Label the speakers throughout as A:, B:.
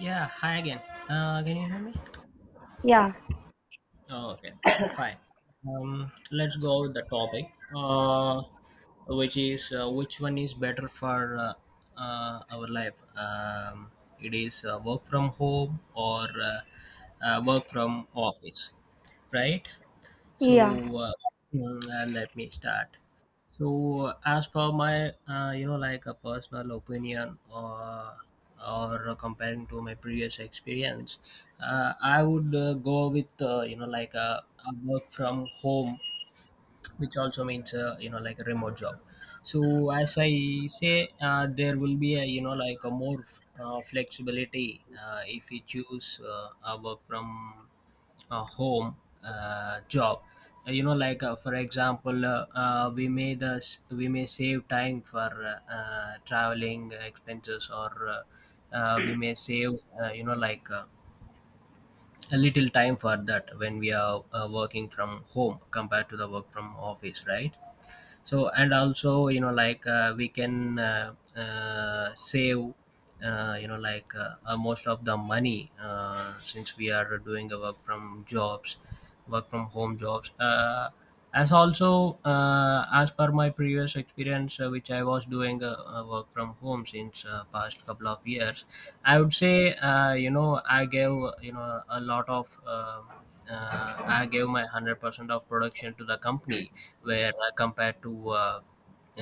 A: Yeah, hi again. Can you hear me?
B: Yeah,
A: Oh, okay, fine. Let's go with the topic, which is which one is better for our life? It is work from home or work from office, right? So
B: yeah.
A: let me start. So as per my you know like a personal opinion or comparing to my previous experience, I would go with you know like a work from home, which also means you know like a remote job. So as I say, there will be a you know like a more flexibility if we choose a work from a home job. You know like for example we may save time for traveling expenses or we may save you know like a little time for that when we are working from home compared to the work from office, right? So and also you know like we can save you know like most of the money since we are doing the work from home jobs. As also as per my previous experience, which I was doing work from home since past couple of years, I would say you know I gave you know a lot of uh, I gave my 100% of production to the company where compared to uh,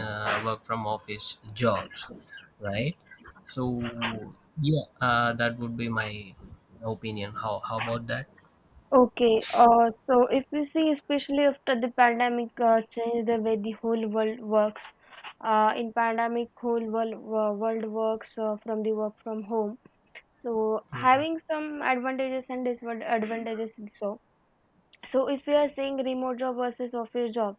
A: work from office jobs, right? So yeah, that would be my opinion. How about that?
B: Okay. So if you see, especially after the pandemic, changed the way the whole world works. In pandemic, world works from the work from home. So
A: Mm-hmm.
B: having some advantages and disadvantages. So if we are saying remote job versus office job,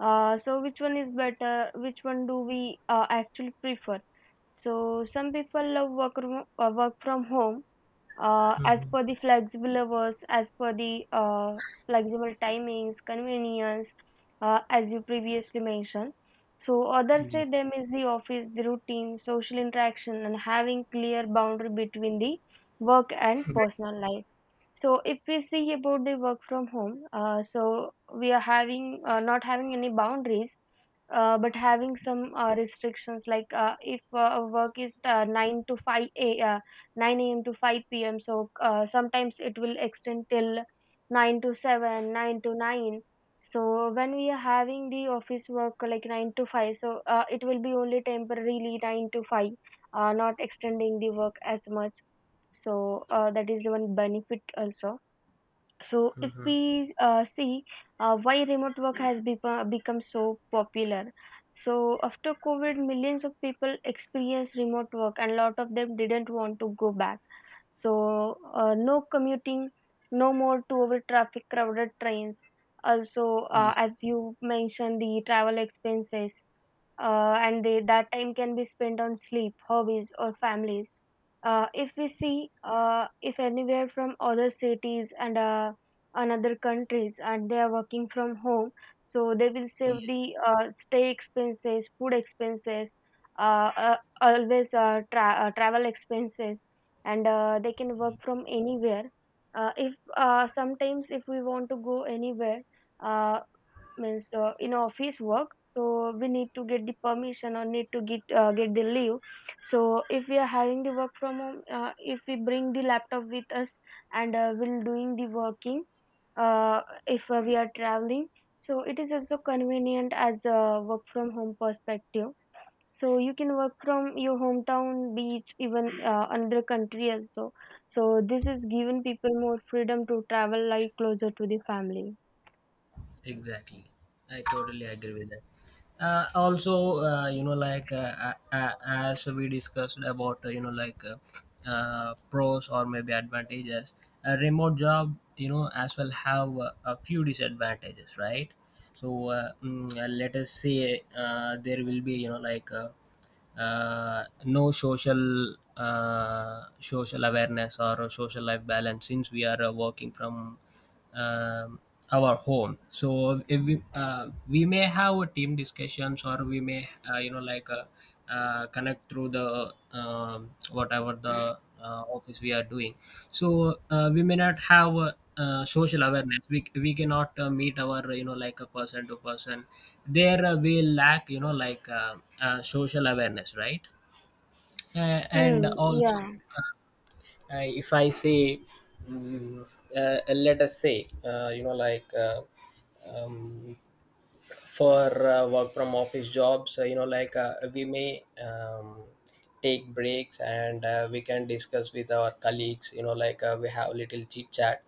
B: so which one is better? Which one do we actually prefer? So some people love work from home as
A: Mm-hmm.
B: per the flexible hours, as per the flexible timings, convenience, as you previously mentioned. So others say them is the office, the routine, social interaction, and having clear boundary between the work and
A: Yeah.
B: personal life. So if we see about the work from home, so we are having not having any boundaries, but having some restrictions. Like if a work is 9 to 5 a 9 a.m. to 5 p.m. So sometimes it will extend till 9 to 7, 9 to 9. So when we are having the office work like 9 to 5, so it will be only temporarily 9 to 5, not extending the work as much, so that is one benefit also. So if
A: Mm-hmm.
B: we see why remote work has become so popular. So after covid, millions of people experienced remote work and a lot of them didn't want to go back. So, no commuting, no more to over traffic crowded trains. Also, as you mentioned, the travel expenses, and they, that time can be spent on sleep, hobbies, or families. If we see, if anywhere from other cities and another countries, and they are working from home, so they will save
A: Yeah.
B: the stay expenses, food expenses, travel expenses, and they can work
A: Yeah.
B: from anywhere. If Sometimes if we want to go anywhere, uh, means in office work, so we need to get the permission or need to get the leave. So if we are having the work from home, if we bring the laptop with us and we'll doing the working. Uh, if we are traveling, so it is also convenient as a work from home perspective. So you can work from your hometown, beach, even another country also. So this is given people more freedom to travel like closer to the family.
A: Exactly. I totally agree with that. Also, you know, like as we discussed about, you know, like pros or maybe advantages, a remote job, you know, as well have a few disadvantages, right? So let us say there will be, you know, like no social social awareness or social life balance, since we are working from um our home. So if we, we may have a team discussions, or we may you know like connect through the whatever the office we are doing. So we may not have social awareness, we cannot meet our you know like a person to person. There we lack you know like social awareness, right? And
B: Mm,
A: also
B: yeah.
A: if I say mm, let us say you know like um, for work from office jobs, you know like we may take breaks, and we can discuss with our colleagues, you know like we have little chit chat.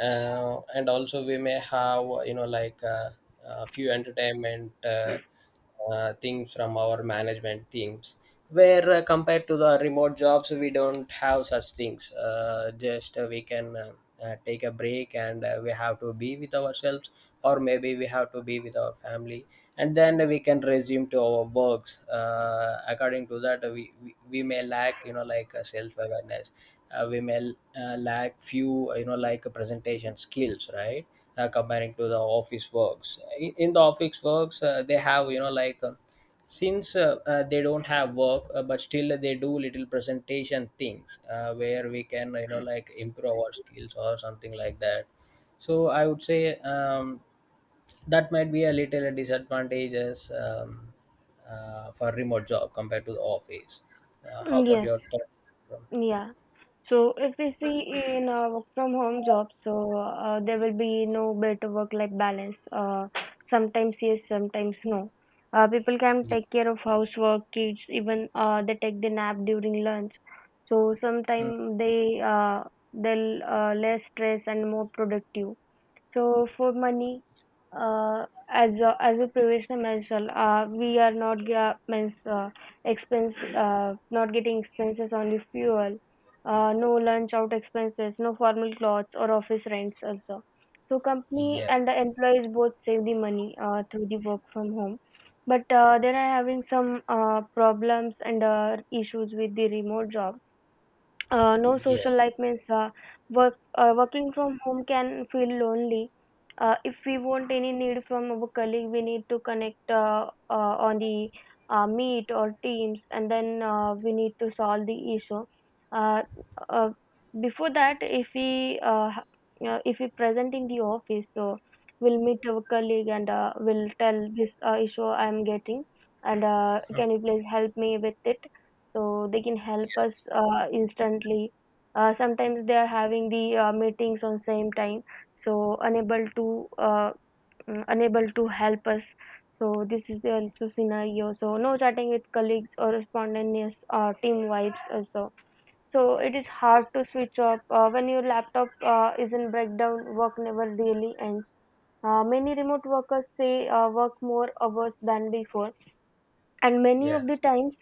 A: And also we may have you know like a few entertainment things from our management teams, where compared to the remote jobs we don't have such things. Just We can take a break, and we have to be with ourselves, or maybe we have to be with our family, and then we can resume to our works. According to that, we may lack you know like self awareness. We may lack few you know like presentation skills, right? Comparing to the office works, in the office works they have you know like since they don't have work, but still they do little presentation things, where we can you know like improve our skills or something like that. So I would say that might be a little disadvantages for remote job compared to the office. How
B: Mm,
A: about
B: yes.
A: your thoughts? from
B: Yeah. So if we see in work from home jobs, so there will be no better work-life balance. Sometimes yes, sometimes no. People can
A: the-
B: take care of housework, kids, even they take the nap during lunch. So
A: Mm,
B: sometimes they'll less stress and more productive. So for money, as a previously mentioned, we are not gra- means, expense not getting expenses on the fuel, no lunch out expenses, no formal clothes or office rents also. So company
A: yeah,
B: and the employees both save the money through the work from home, but they are having some problems and issues with the remote job. No
A: yeah,
B: social life means work. Working from home can feel lonely. If we want any need from our colleague, we need to connect on the meet or Teams, and then we need to solve the issue. Uh, uh, Before that, if we present in the office, so we'll meet our colleague and we'll tell this issue I'm getting, and can you please help me with it? So they can help us instantly. Sometimes they are having the meetings on same time, so unable to unable to help us. So this is the also scenario. So no chatting with colleagues or spontaneous team vibes also. So it is hard
A: yes,
B: to switch off when your laptop is in breakdown, work never really ends. Many remote workers say work more hours than before, and many of the
A: yes,
B: times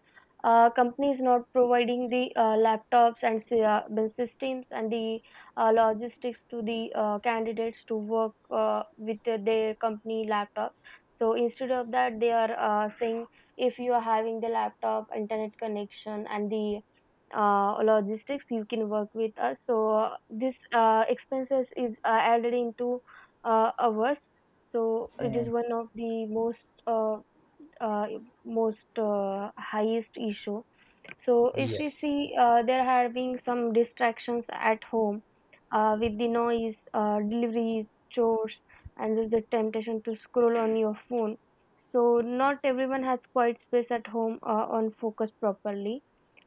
B: company is not providing the laptops and the systems and the logistics to the candidates to work with the- their company laptop. So instead of that they are saying, if you are having the laptop, internet connection and the logistics, you can work with us. So this expenses is added into ours. So it is
A: mm,
B: one of the most uh, most highest issue. So if we
A: yes,
B: see, they're having some distractions at home with the noise, deliveries, chores, and there's the temptation to scroll on your phone. So not everyone has quiet space at home on focus properly.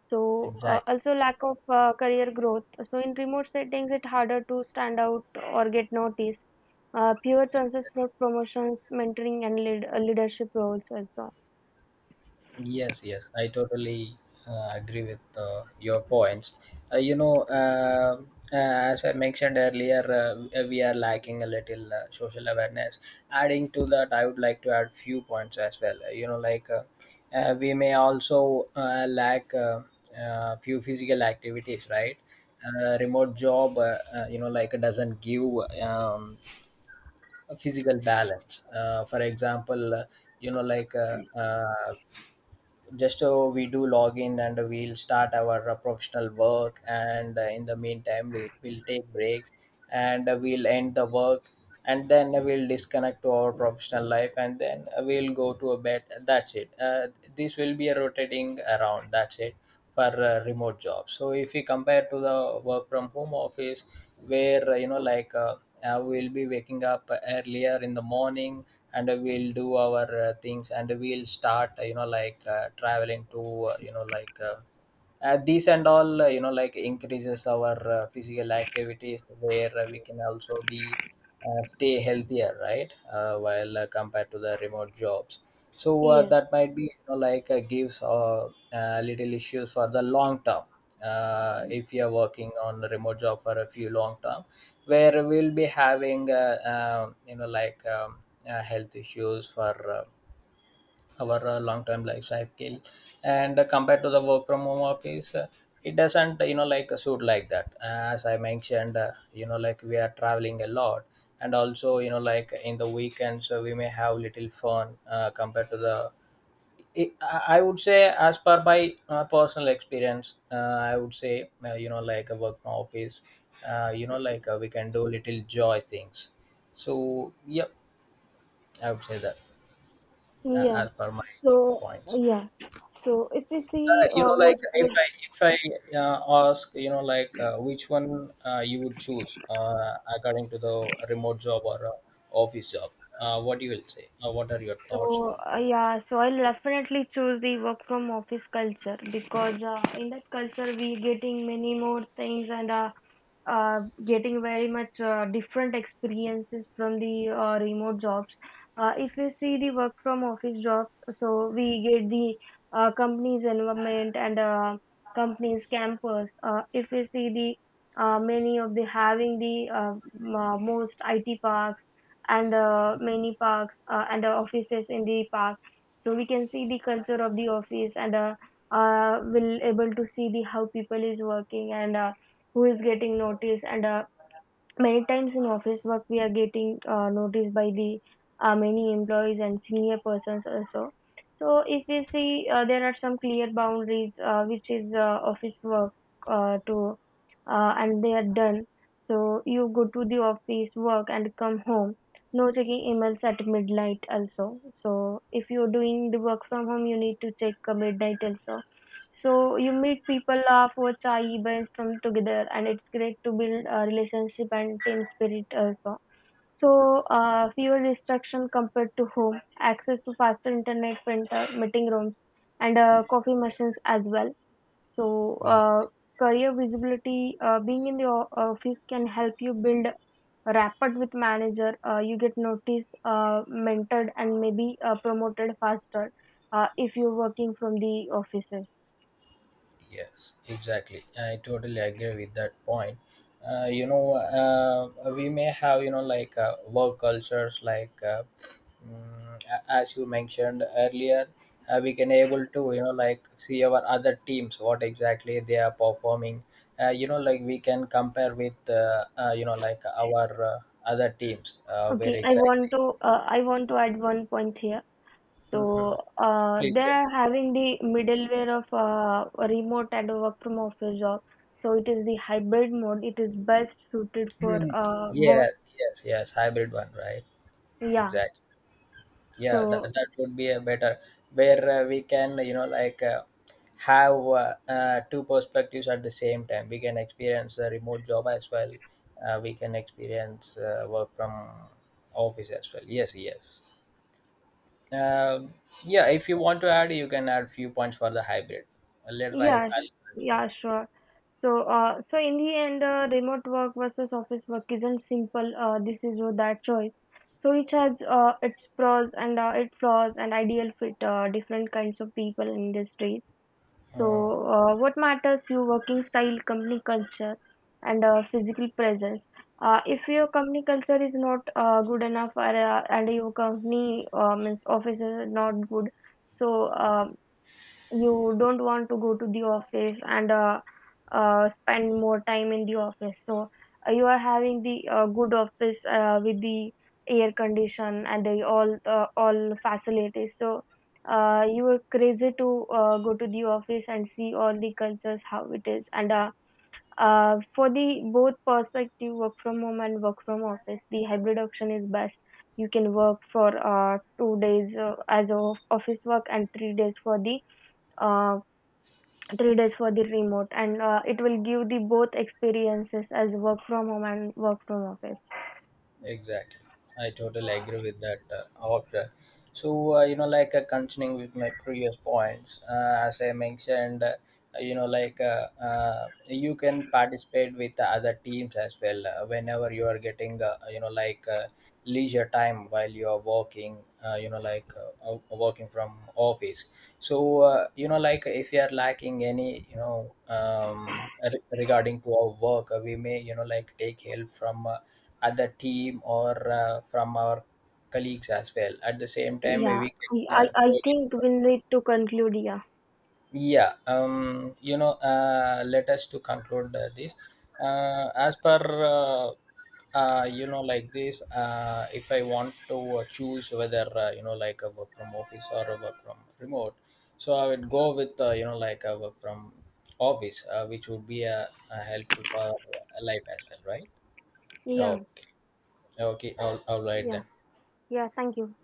B: So
A: exactly.
B: also lack of career growth. So in remote settings, it's harder to stand out or get noticed. Fewer chances for promotions, mentoring, and leadership roles also.
A: Yes, yes, I totally agree with your points. You know, as I mentioned earlier, we are lacking a little social awareness. Adding to that, I would like to add few points as well. You know, like we may also lack few physical activities, right? Remote job, you know, like doesn't give um, a physical balance. For example, you know, like just we do login, and we'll start our professional work, and in the meantime we will take breaks, and we'll end the work, and then we'll disconnect to our professional life, and then we'll go to a bed, that's it. This will be a rotating around, that's it, for remote jobs. So if we compare to the work from home office, where you know like we'll be waking up earlier in the morning, and we'll do our things, and we'll start you know like traveling to you know like these and all, you know like increases our physical activities, where we can also be stay healthier, right? While compared to the remote jobs, so
B: Yes.
A: that might be you know, like gives little issues for the long term. If you are working on a remote job for a few long term, where we'll be having you know like health issues for our long term lifestyle. And compared to the work from home office, it doesn't you know like suit like that. As I mentioned, you know like we are traveling a lot, and also you know like in the weekends we may have little fun compared to the I I would say, as per my personal experience, I would say, you know, like a work from office, you know, like we can do little joy things. So, yep, I would say that
B: Yeah.
A: as per my
B: So
A: points.
B: yeah, so if we see,
A: You know, like
B: what's the.
A: if I ask, you know, like which one you would choose according to the remote job or office job, what you will say? What are your thoughts on
B: So, so I'll definitely choose the work from office culture because in that culture we getting many more things and uh, getting very much different experiences from the remote jobs. If we see the work from office jobs, so we get the company's environment and company's campus. If we see the many of the having the most IT parks and many parks and offices in the park. So we can see the culture of the office and will able to see the how people is working and who is getting noticed and many times in office work, we are getting noticed by the many employees and senior persons also. So, if we see, there are some clear boundaries which is office work uh, to, and they are done. So, you go to the office work and come home. No checking emails at midnight also. So, if you're doing the work from home, you need to check midnight also. So you meet people, laugh, watch, chai, brainstorm together, and it's great to build a relationship and team spirit also. So fewer distraction compared to home, access to faster internet, printer, meeting rooms, and coffee machines as well. So
A: it?
B: career visibility, being in the office can help you build rapport with manager. You get noticed, mentored, and maybe promoted faster if you're working from the offices.
A: Yes, exactly. I totally agree with that point. You know, we may have, you know, like work cultures, like as you mentioned earlier, we can able to, you know, like see our other teams, what exactly they are performing. You know, like we can compare with, you know, like our other teams, where
B: Okay,
A: exactly.
B: I want to add one point here.
A: Mhm.
B: So
A: Please
B: they
A: go.
B: are having the middleware of a remote and a work from office job. So it is the hybrid mode. It is best suited for
A: Hmm.
B: both.
A: Yes, yes, yes. Hybrid one, right?
B: Yeah.
A: Exactly. Yeah,
B: So
A: that would be a better, where we can you know like have two perspectives. At the same time, we can experience a remote job as well, we can experience work from office as well. Yes, yes, um, yeah, if you want to add, you can add few points for the hybrid. Later
B: yeah, sh-
A: I'll continue.
B: yeah, sure. So so in the end, remote work versus office work isn't simple. This is your that choice. So it has its pros and its flaws and ideal fit different kinds of people in industries. So, what matters your working style, company culture, and physical presence. If your company culture is not good enough, or, and your company office is not good, so you don't want to go to the office and spend more time in the office. So you are having the good office with the air condition and the all facilities. So you are crazy to go to the office and see all the cultures how it is. And for the both perspective, work from home and work from office, the hybrid option is best. You can work for 2 days as a office work and 3 days for the uh, remote and it will give the both experiences as work from home and work from office.
A: Exactly. I totally agree with that, Akshay. So, you know, like continuing with my previous points, as I mentioned, you know, like you can participate with the other teams as well whenever you are getting, you know, like leisure time while you are working, you know, like working from office. So, you know, like if you are lacking any, you know, regarding to our work, we may, you know, like take help from. Other team or from our colleagues as well. At the same time,
B: yeah
A: we
B: i
A: can
B: i I
A: go with
B: think we'll need to conclude. Yeah.
A: yeah you know let us to conclude this as per uh, you know like this, if I want to choose whether you know like a work from office or a work from remote, so I would go with you know like a work from office, which would be helpful for life as well, right?
B: Yeah.
A: Okay. Okay, all right
B: yeah
A: then.
B: yeah, thank you.